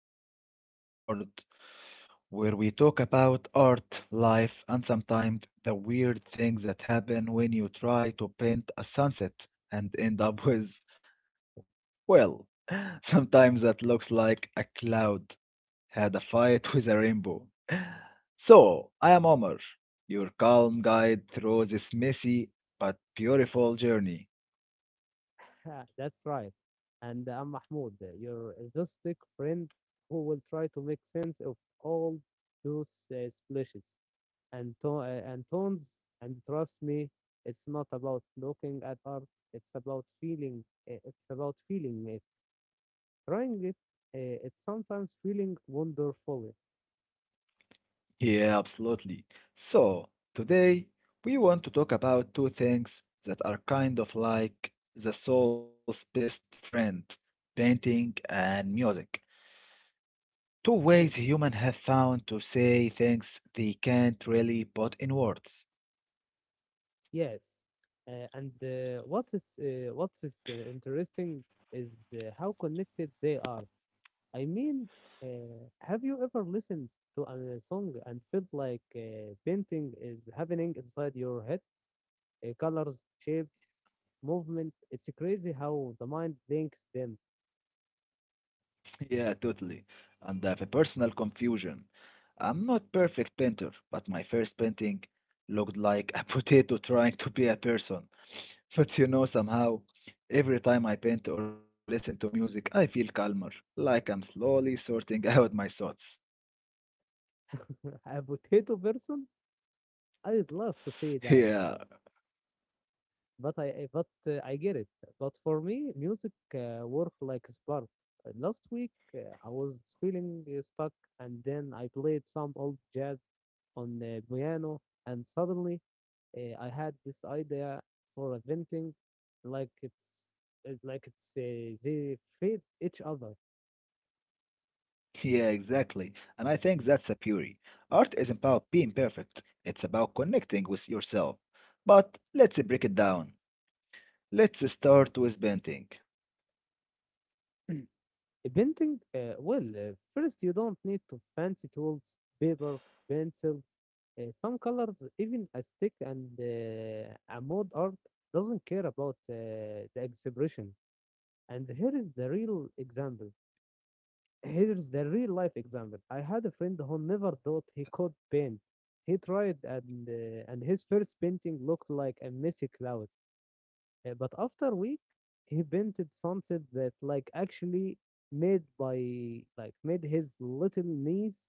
concern of the world where we talk about art, life, and sometimes the weird things that happen when you try to paint a sunset and end up with, well, sometimes that looks like a cloud had a fight with a rainbow. So, I am Omar, your calm guide through this messy but beautiful journey. That's right. And I'm Mahmoud, your rustic friend who will try to make sense of all those splashes and, and tones. And trust me, it's not about looking at art. It's about feeling. It's about feeling it, trying it. It's sometimes feeling wonderfully. Yeah, absolutely. So, today we want to talk about two things that are kind of like the soul's best friend, painting and music. Two ways humans have found to say things they can't really put in words. Yes. And what is the interesting is how connected they are. I mean, have you ever listened to a song and felt like painting is happening inside your head? Colors, shapes, movement. It's crazy how the mind thinks them. Yeah, totally. And I have a personal confusion. I'm not perfect painter, but my first painting looked like a potato trying to be a person. But you know, somehow, every time I paint or listen to music, I feel calmer, like I'm slowly sorting out my thoughts. A potato person? I'd love to see that. Yeah, But I get it. But for me, music worked like a spark. Last week, I was feeling stuck, and then I played some old jazz on the piano, and suddenly, I had this idea for a venting, like it's like it's they feed each other. yeah, exactly. And I think that's a beauty. Art isn't about being perfect, it's about connecting with yourself. But let's break it down. Let's start with painting. Painting, well, first you don't need to fancy tools, paper, pencils. Some colors, even a stick and a mode art doesn't care about the expression. And here is the real example. Here's the real life example. I had a friend who never thought he could paint. He tried, and his first painting looked like a messy cloud. But after a week, he painted something that like actually made by like made his little niece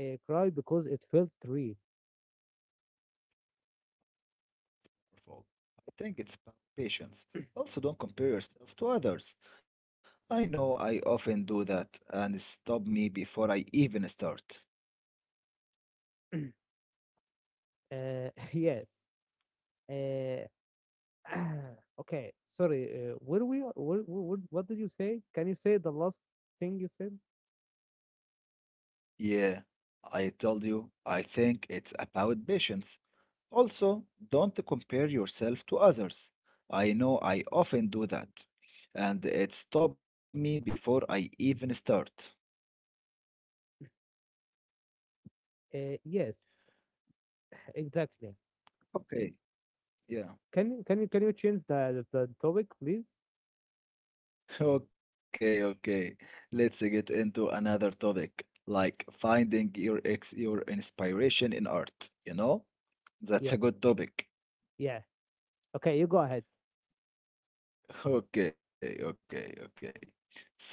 cry because it felt real. Powerful. I think it's about patience. Also, don't compare yourself to others. I know I often do that and it stop me before I even start. Yes. Uh, okay. Sorry. Where we? Where, What did you say? Can you say the last thing you said? Yeah, I told you, I think it's about patience. Also, don't compare yourself to others. I know I often do that and it stopped me before I even start. Yes. Exactly. Okay, Can yeah. you can you can you change the topic, please? Okay, okay. Let's get into another topic, like finding your inspiration in art, you know? Yeah. That's a good topic. Yeah. Okay. You go ahead. Okay, okay, okay. So,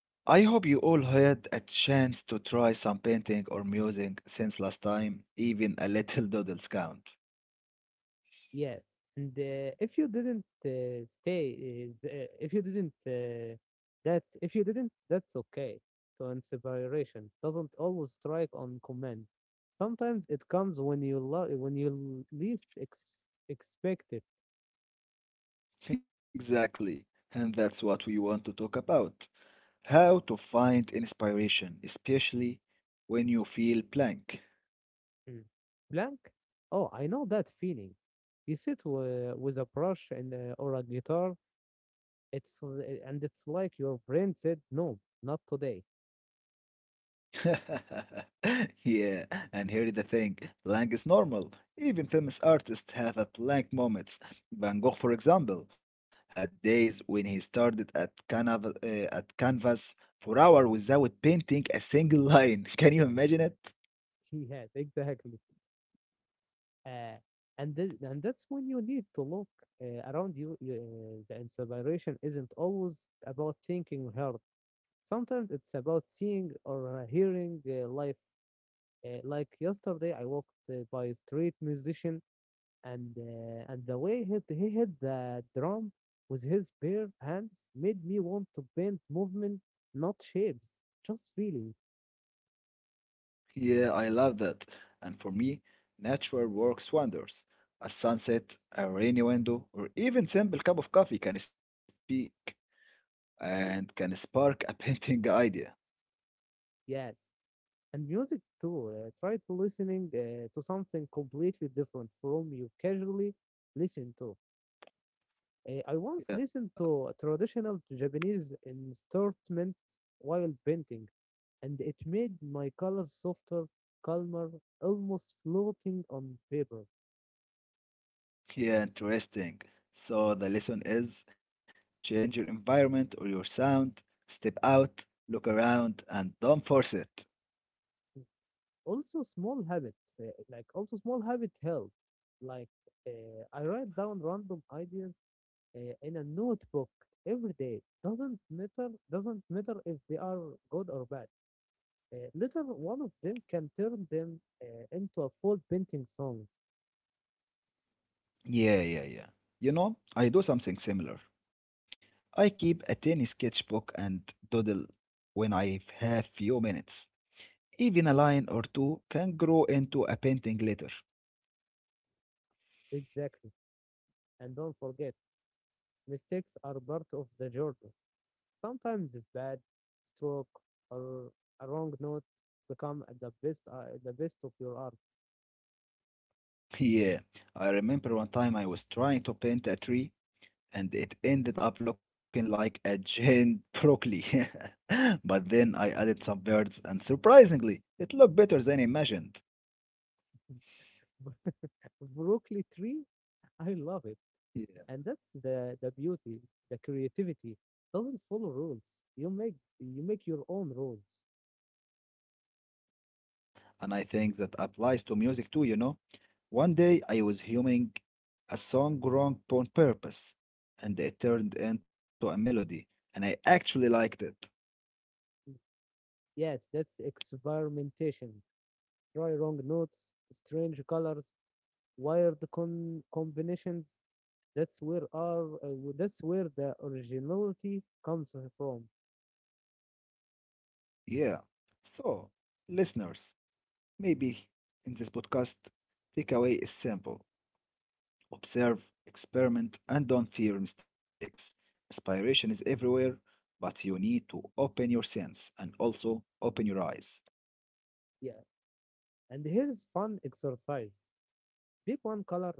I hope you all had a chance to try some painting or music since last time, even a little doodles count. Yes. And if you didn't stay, if you didn't, that's okay. So inspiration doesn't always strike on command. Sometimes it comes when you least expect it. Exactly. And that's what we want to talk about. How to find inspiration, especially when you feel blank. Mm. Blank? Oh, I know that feeling. You sit with a brush and or a guitar. And it's like your brain said, no, not today. Yeah, and here is the thing. Blank is normal. Even famous artists have a blank moments. Van Gogh, for example, had days when he started at canvas for hours without painting a single line. Can you imagine it? Yes, exactly. uh, and that's when you need to look around you. The inspiration isn't always about thinking hard. Sometimes it's about seeing or hearing life. Like yesterday, I walked by a street musician, and the way he hit the drum with his bare hands made me want to paint movement, not shapes, just feeling. Yeah, I love that. And for me, nature works wonders. A sunset, a rainy window, or even simple cup of coffee can speak and can spark a painting idea. Yes, and music too. Try to listening to something completely different from you casually listen to. I once listened to a traditional Japanese instrument while painting, and it made my colors softer, calmer, almost floating on paper. Yeah, interesting. So the lesson is change your environment or your sound, step out, look around, and don't force it. Also, small habit help. Like I write down random ideas in a notebook every day. Doesn't matter if they are good or bad. Later, one of them can turn them into a full painting song. Yeah. You know, I do something similar. I keep a tiny sketchbook and doodle when I have few minutes. Even a line or two can grow into a painting later. Exactly. And don't forget, mistakes are part of the journey. Sometimes it's bad stroke or a wrong note become the best of your art. Yeah, I remember one time I was trying to paint a tree and it ended up looking like a giant broccoli. But then I added some birds, and surprisingly, it looked better than imagined. Broccoli tree, I love it. Yeah. And that's the beauty. The creativity doesn't follow rules. You make your own rules. And I think that applies to music too, you know. One day I was humming a song wrong on purpose, and it turned into a melody, and I actually liked it. Yes, that's experimentation. Try wrong notes, strange colors, wired combinations. That's where the originality comes from. Yeah. So, listeners, maybe in this podcast, takeaway is simple. Observe, experiment, and don't fear mistakes. Inspiration is everywhere, but you need to open your sense and also open your eyes. Yeah, and here's fun exercise. Pick one color,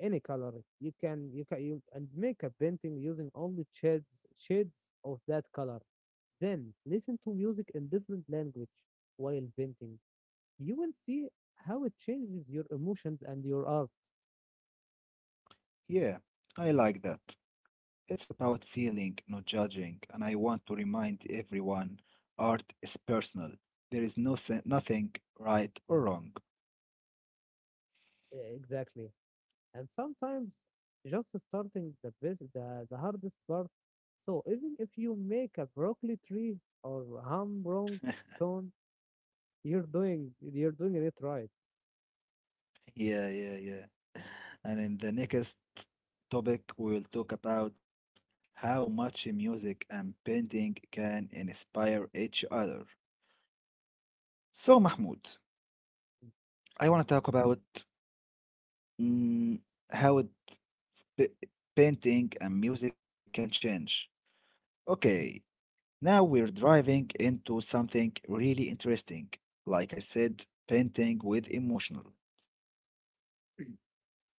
any color. You can you can you and make a painting using only shades of that color. Then listen to music in different language while painting. You will see how it changes your emotions and your art. Yeah, I like that. It's about feeling, not judging, and I want to remind everyone art is personal. There is nothing right or wrong. Exactly. And sometimes just starting the best, the hardest part. So even if you make a broccoli tree or hum wrong tone, you're doing it right. Yeah. And in the next topic, we'll talk about how much music and painting can inspire each other. So, Mahmoud, I want to talk about mm, how it, p- painting and music can change. Okay, now we're driving into something really interesting. Like I said, painting with emotional.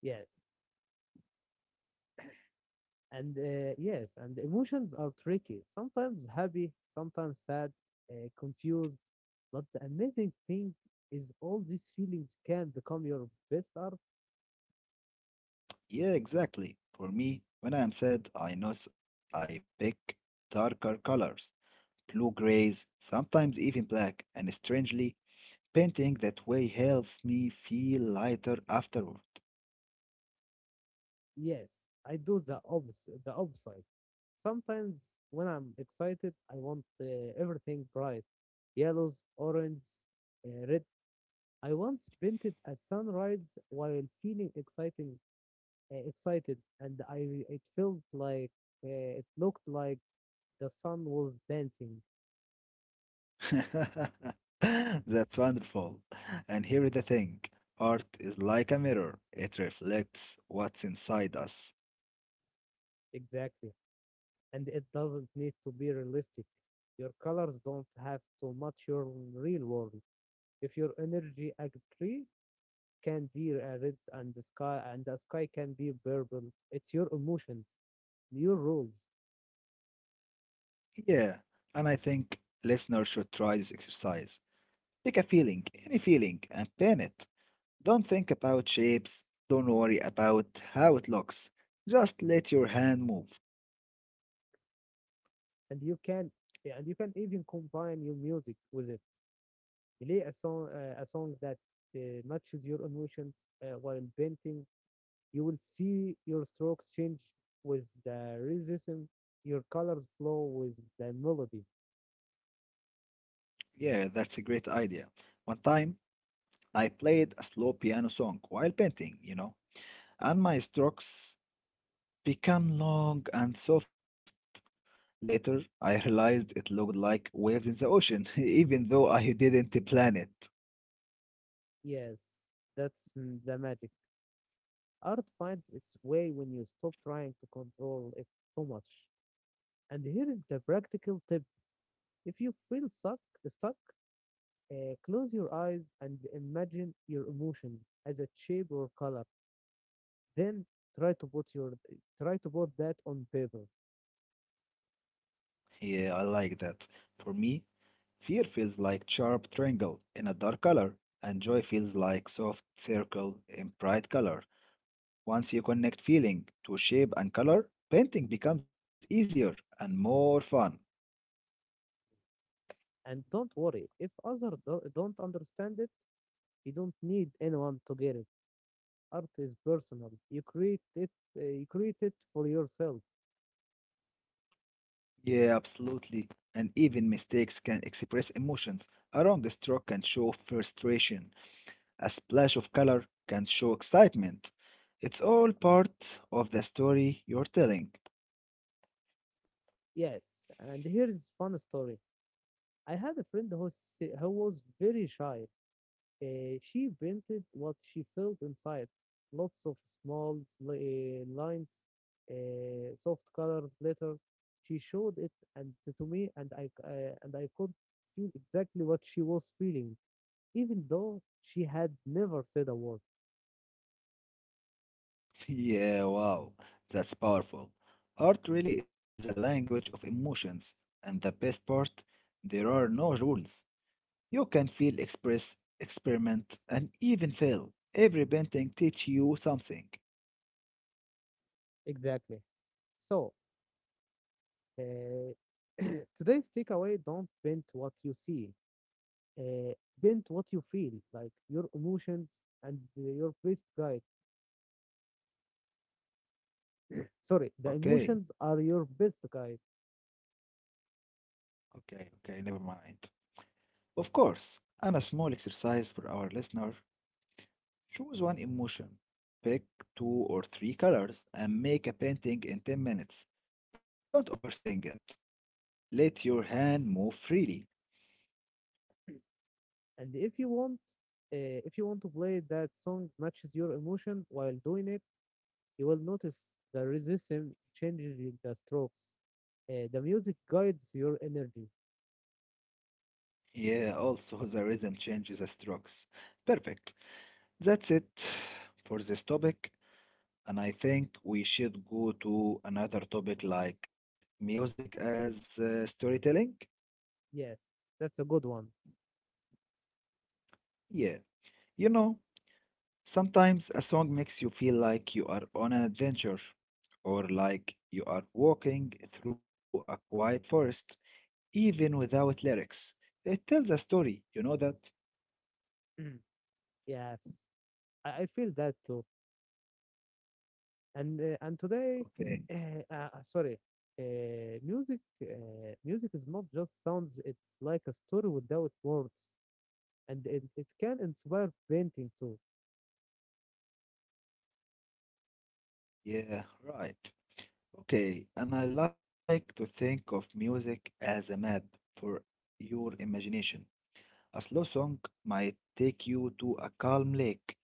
Yes. And emotions are tricky, sometimes happy, sometimes sad, confused, but the amazing thing is all these feelings can become your best art. Yeah, exactly. For me, when I'm sad, I know I pick darker colors, blue grays, sometimes even black, and strangely, painting that way helps me feel lighter afterward. Yes, I do the opposite sometimes. When I'm excited, I want everything bright. Yellows, orange, red. I once painted a sunrise while feeling exciting uh, excited, and I it felt like it looked like the sun was dancing. That's wonderful. And here is the thing. Art is like a mirror. It reflects what's inside us. Exactly, and it doesn't need to be realistic. Your colors don't have to match your real world. If your energy a tree can be a red, and the sky can be purple, it's your emotions, your rules. Yeah, and I think listeners should try this exercise. Pick a feeling, any feeling, and paint it. Don't think about shapes. Don't worry about how it looks. Just let your hand move. And you can and you can even combine your music with it. Play a song that matches your emotions while painting. You will see your strokes change with the rhythm, your colors flow with the melody. Yeah, that's a great idea. One time, I played a slow piano song while painting, you know, and my strokes become long and soft. Later, I realized it looked like waves in the ocean, even though I didn't plan it. Yes, that's the magic. Art finds its way when you stop trying to control it too much. And here is the practical tip. If you feel stuck, close your eyes and imagine your emotion as a shape or color. Then try to put your try to put that on paper. Yeah, I like that. For me, fear feels like sharp triangle in a dark color, and joy feels like soft circle in bright color. Once you connect feeling to shape and color, painting becomes easier and more fun. And don't worry if others don't understand it. You don't need anyone to get it. Art is personal. You create it. You create it for yourself. Yeah, absolutely. And even mistakes can express emotions. A wrong stroke can show frustration, a splash of color can show excitement. It's all part of the story you're telling. Yes. And here's fun story. I had a friend who was very shy. She painted what she felt inside. Lots of small lines, soft colors, glitter. She showed it and to me, and I could feel exactly what she was feeling, even though she had never said a word. Yeah, wow, that's powerful. Art really is a language of emotions, and the best part, there are no rules. You can feel, express, experiment, and even fail. Every painting teach you something. Exactly. So Uh, today's takeaway, don't bend what you see, uh, bend what you feel, like your emotions and your best guide. Sorry, the emotions Okay, are your best guide. okay, never mind. Of course, and a small exercise for our listener choose one emotion, pick two or three colors, and make a painting in 10 minutes. Don't overthink it. Let your hand move freely. And if you want, if you want to play that song matches your emotion while doing it, you will notice the rhythm changes in the strokes. The music guides your energy. Yeah, also the rhythm changes the strokes. Perfect. That's it for this topic. And I think we should go to another topic like music as storytelling. Yes, that's a good one. Yeah, you know, sometimes a song makes you feel like you are on an adventure or like you are walking through a quiet forest, even without lyrics. It tells a story, you know that? Yes, I feel that too. and uh, and today Okay, Sorry. Music is not just sounds, it's like a story without words, and it can inspire painting too. yeah, right. Okay, and I like to think of music as a map for your imagination. A slow song might take you to a calm lake,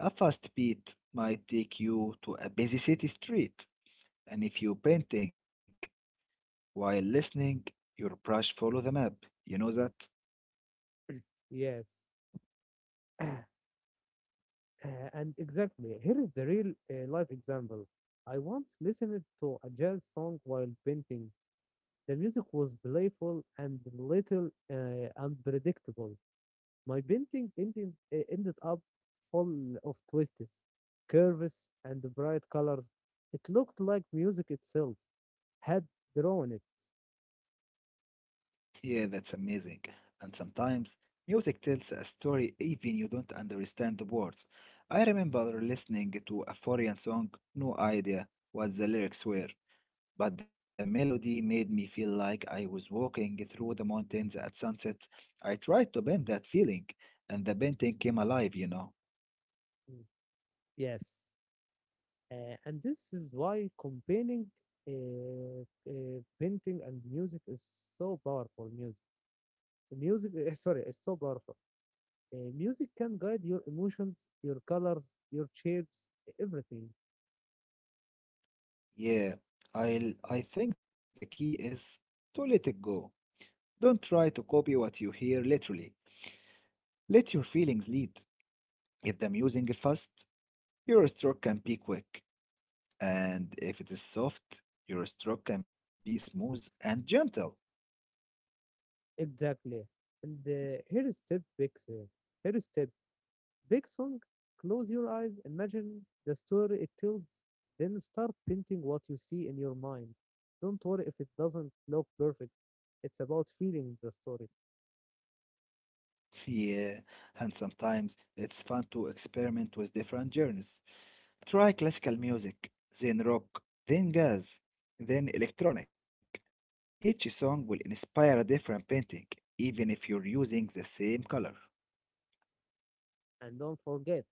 a fast beat might take you to a busy city street, and if you are painting, while listening, your brush follow the map. You know that? Yes. And exactly, here is the real life example. I once listened to a jazz song while painting. The music was playful and little unpredictable. My painting ended up full of twists, curves, and bright colors. It looked like music itself had drawn it. Yeah, that's amazing. And sometimes music tells a story even you don't understand the words. I remember listening to a foreign song, no idea what the lyrics were, but the melody made me feel like I was walking through the mountains at sunset. I tried to bend that feeling, and the painting came alive, you know. Mm. Yes. And this is why combining uh, painting and music is so powerful. Music, sorry, is so powerful. Music can guide your emotions, your colors, your shapes, everything. Yeah, I think the key is to let it go. Don't try to copy what you hear literally. Let your feelings lead. If the music is fast, your stroke can be quick. And if it is soft, your stroke can be smooth and gentle. Exactly. And here is step six. Here is step Big song, close your eyes, imagine the story it tells, then start painting what you see in your mind. Don't worry if it doesn't look perfect. It's about feeling the story. Yeah, and sometimes it's fun to experiment with different genres. Try classical music, then rock, then jazz, then electronic. Each song will inspire a different painting, even if you're using the same color. And don't forget,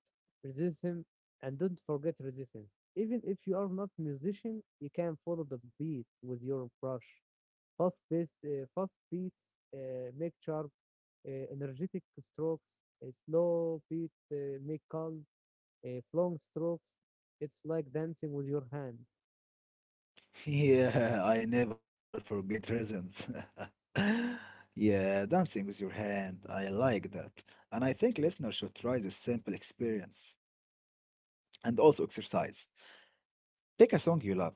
resistance, and don't forget resistance. Even if you are not musician, you can follow the beat with your brush. Fast beats make sharp, energetic strokes. A slow beat make calm, flowing strokes. It's like dancing with your hand. Yeah, I never forget rhythms. Yeah, dancing with your hand, I like that. And I think listeners should try this simple experience. And also exercise. Pick a song you love,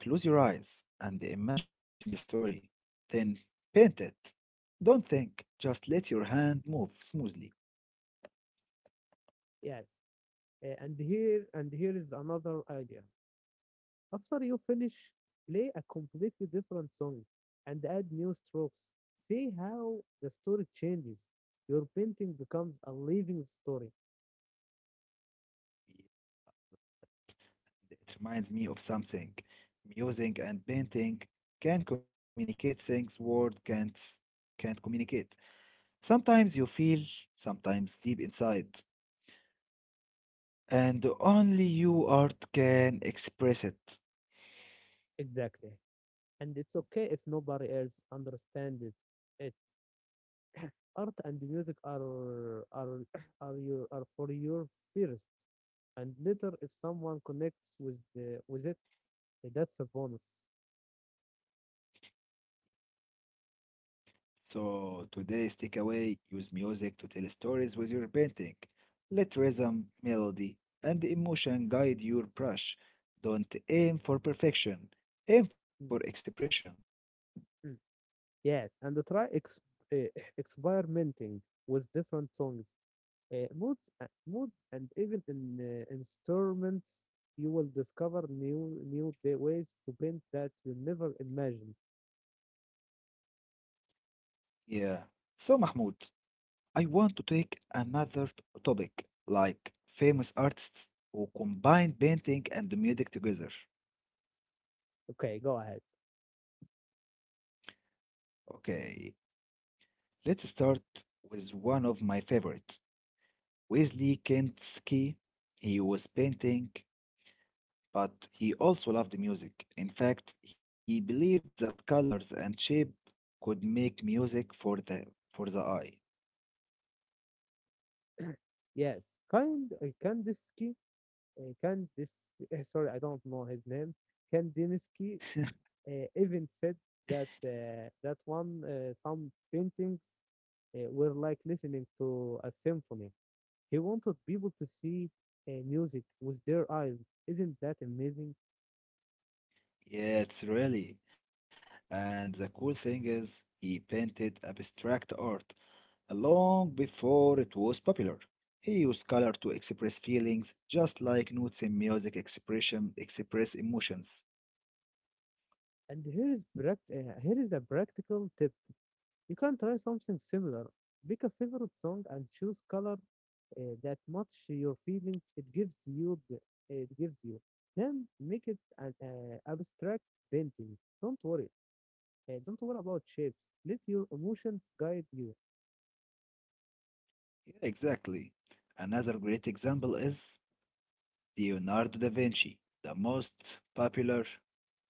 close your eyes, and imagine the story. Then paint it. Don't think, just let your hand move smoothly. Yes. And here is another idea. After you finish, play a completely different song and add new strokes. See how the story changes. Your painting becomes a living story. It reminds me of something. Music and painting can communicate things word can't communicate. Sometimes you feel, sometimes deep inside, and only you art can express it. Exactly. And it's okay if nobody else understands it. Art and music are are for your first, and later if someone connects with it, that's a bonus. So today's takeaway use music to tell stories with your painting. Let rhythm, melody, and emotion guide your brush. Don't aim for perfection, aim for Mm, expression. mm. Yes, and try ex uh, experimenting with different songs, moods, and even in instruments. You will discover new ways to paint that you never imagined. Yeah. So, Mahmoud, I want to take topic like famous artists who combine painting and music together. Okay, go ahead. Okay, let's start with one of my favorites, Wesley Kinski. He was painting, but he also loved music. In fact, he believed that colors and shape could make music for the eye. Yes, kind Kandinsky, uh, Kandis, sorry, I don't know his name. Kandinsky even said that that one some paintings were like listening to a symphony. He wanted people to see music with their eyes. Isn't that amazing? Yeah, it's really. And the cool thing is, he painted abstract art long before it was popular. He used color to express feelings, just like notes in music express emotions. And here is a practical tip. You can try something similar. Pick a favorite song and choose color that match your feelings. It gives you. Then make it an abstract painting. Don't worry. Don't worry about shapes. Let your emotions guide you. Yeah, exactly. Another great example is Leonardo da Vinci, the most popular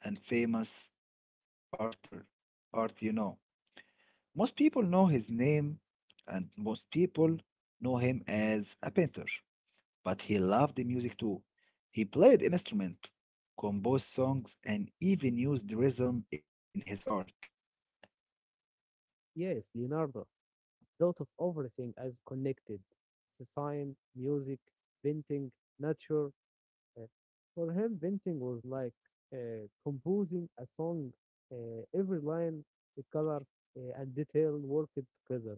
and famous arter, art you know. Most people know his name, and most people know him as a painter, but he loved the music too. He played an instrument, composed songs, and even used rhythm in his art. Yes, Leonardo thought of everything as connected. Design, music, painting, nature. uh, for him, painting was like composing a song. Every line, the color, and detail worked together,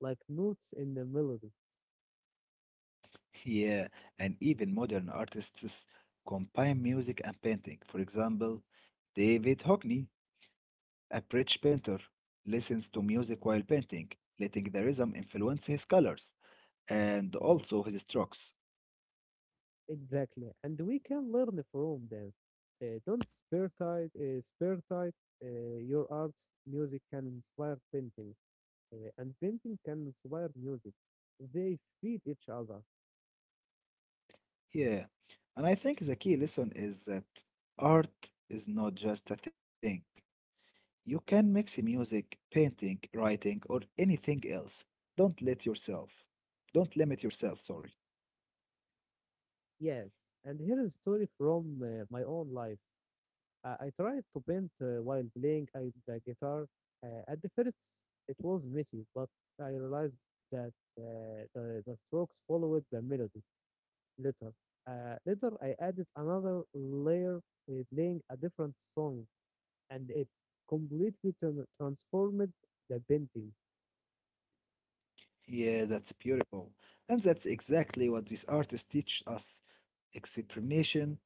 like notes in the melody. Yeah, and even modern artists combine music and painting. For example, David Hockney, a British painter, listens to music while painting, letting the rhythm influence his colors and also his strokes. Exactly. And we can learn from them. Don't spare tight your arts, music can inspire painting. And painting can inspire music. They feed each other. Yeah, and I think the key lesson is that art is not just a thing. You can mix music, painting, writing, or anything else. Don't let yourself. Don't limit yourself, sorry. Yes, and here is a story from my own life. I tried to paint while playing the guitar. At the first, it was messy, but I realized that the strokes followed the melody later. Later, I added another layer, playing a different song, and it completely transformed the painting. Yeah, that's beautiful. And that's exactly what these artists teach us. Experimentation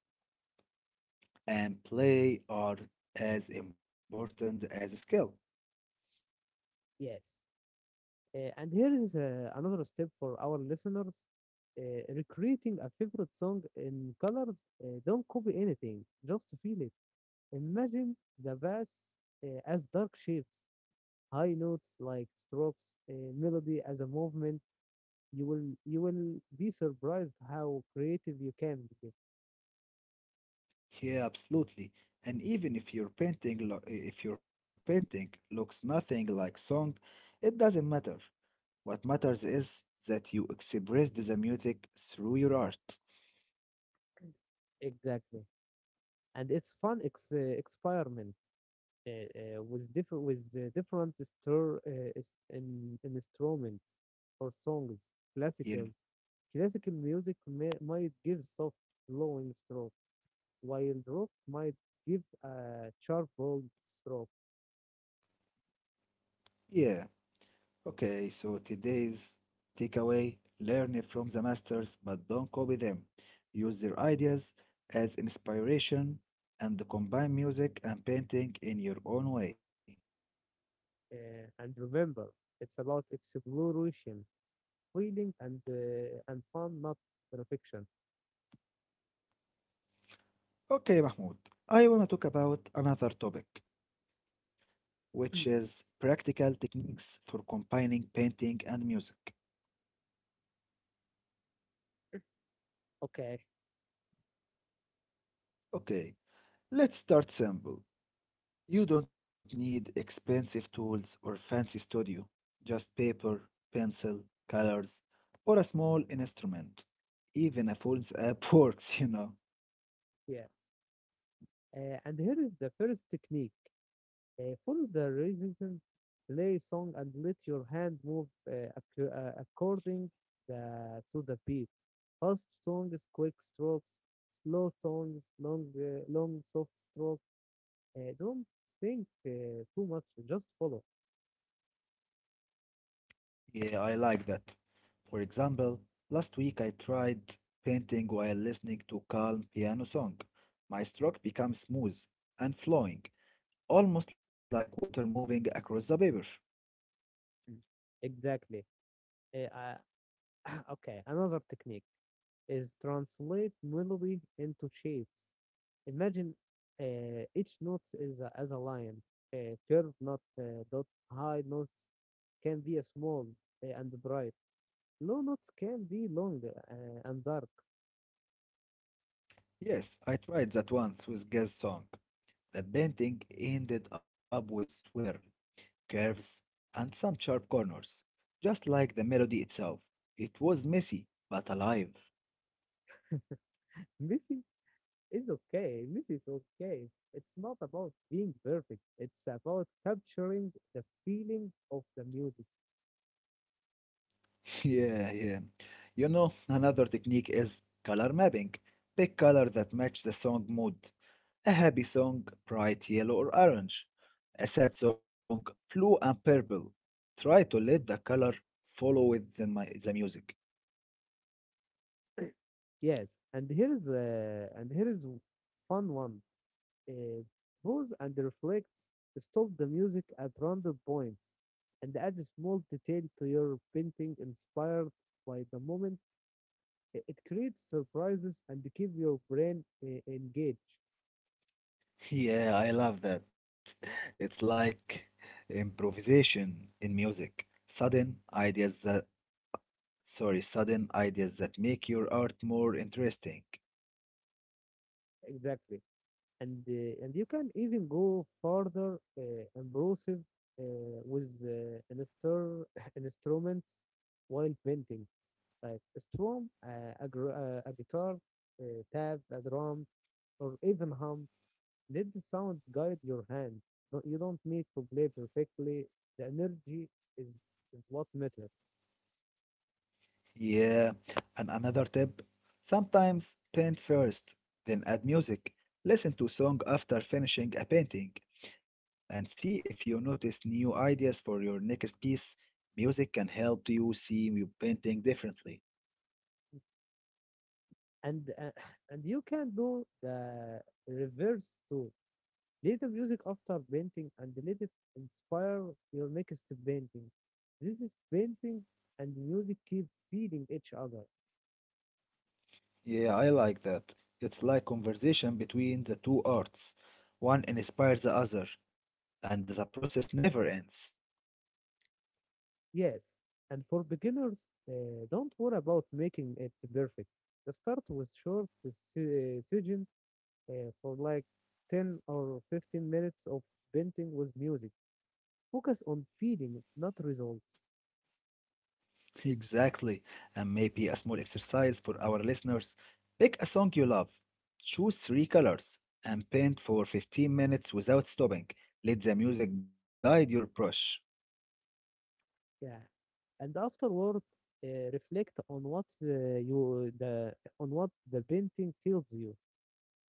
and play are as important as skill. Yes. And here is another step for our listeners. Recreating a favorite song in colors, don't copy anything, just feel it. Imagine the bass as dark shapes, high notes like strokes, melody as a movement. You will be surprised how creative you can be. Yeah, absolutely. And even if if your painting looks nothing like song, it doesn't matter. What matters is that you express the music through your art. Exactly, and it's fun experiment with different in instruments or songs. Yeah. Classical Classical music might give soft flowing stroke, while rock might give a sharp bold stroke. Yeah, okay, so today's takeaway learn from the masters, but don't copy them. Use their ideas as inspiration and combine music and painting in your own way. And remember, it's about exploration, feeling, and fun, not perfection. Okay, Mahmoud, I want to talk about another topic, which is practical techniques for combining painting and music. Okay, Okay, let's start simple. You don't need expensive tools or fancy studio, just paper, pencil, colors, or a small instrument. Even a phone's app works, you know. yeah. And here is the first technique. Follow the rhythm, play song, and let your hand move according to the beat. Fast songs, quick strokes, slow songs, long soft strokes. Don't think too much, just follow. Yeah, I like that. For example, last week I tried painting while listening to calm piano song. My stroke becomes smooth and flowing, almost like water moving across the paper. Mm. Exactly. Uh, I- okay, another technique. Is translate melody into shapes. Imagine each note is as a line. A curved note, dot high notes can be a small and bright. Low notes can be long and dark. Yes, I tried that once with Gaz song. The painting ended up with swirl curves, and some sharp corners, just like the melody itself. It was messy, but alive. Missy is okay. Missy is okay. It's not about being perfect. It's about capturing the feeling of the music. Yeah. You know, another technique is color mapping. Pick color that match the song mood. A happy song, bright yellow or orange. A sad song, blue and purple. Try to let the color follow with the music. Yes, and here's fun one. uh, Pause and reflects. Stop the music at random points and add a small detail to your painting inspired by the moment. It creates surprises and keep your brain engaged. Yeah, I love that. It's like improvisation in music. Sorry, sudden ideas that make your art more interesting. Exactly. And, you can even go further impressive with an instruments while painting, like a strum, a guitar, tab, a drum, or even hum. Let the sound guide your hand. You don't need to play perfectly. The energy is is what matters. Yeah, and another tip, sometimes paint first, then add music. Listen to song after finishing a painting and see if you notice new ideas for your next piece. Music can help you see your painting differently. And and you can do the reverse too. Play the music after painting and let it inspire your next painting. This is painting and music keep feeding each other. Yeah, I like that. It's like conversation between the two arts. One inspires the other, and the process never ends. Yes, and for beginners, don't worry about making it perfect. Just start with short session for like 10 or 15 minutes of painting with music. Focus on feeling, not results. Exactly. And maybe a small exercise for our listeners. Pick a song you love, choose three colors, and paint for 15 minutes without stopping. Let the music guide your brush. Yeah. And afterward, reflect on what the painting tells you.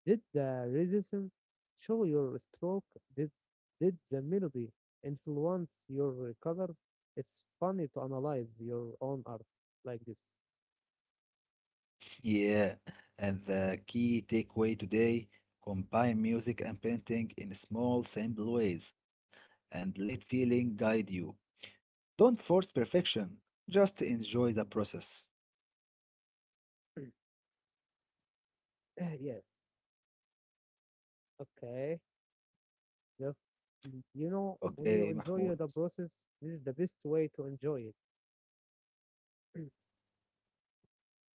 Did the rhythm show your stroke? Did did the melody influence your colors? It's funny to analyze your own art like this. Yeah. And the key takeaway today, combine music and painting in small, simple ways, and let feeling guide you. Don't force perfection. Just enjoy the process. yes. Okay. Just you know, Okay, when you Mahmoud. enjoy the process, this is the best way to enjoy it.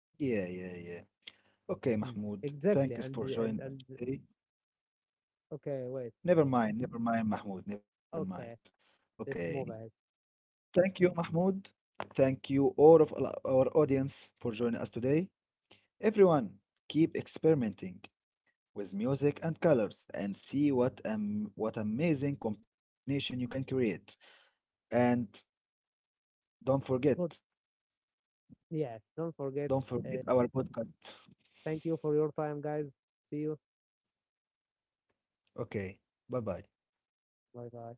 Yeah. Okay, Mahmoud. Exactly. Thanks for joining us today. Wait. Never mind, Mahmoud. Never mind. Okay, Okay. let's move ahead. Thank you, Mahmoud. Thank you, our audience, for joining us today. Everyone, keep experimenting with music and colors and see what amazing combination you can create. And don't forget, But yes, don't forget. don't forget Uh, our podcast. Thank you for your time, guys. See you. Okay. Bye bye. Bye bye.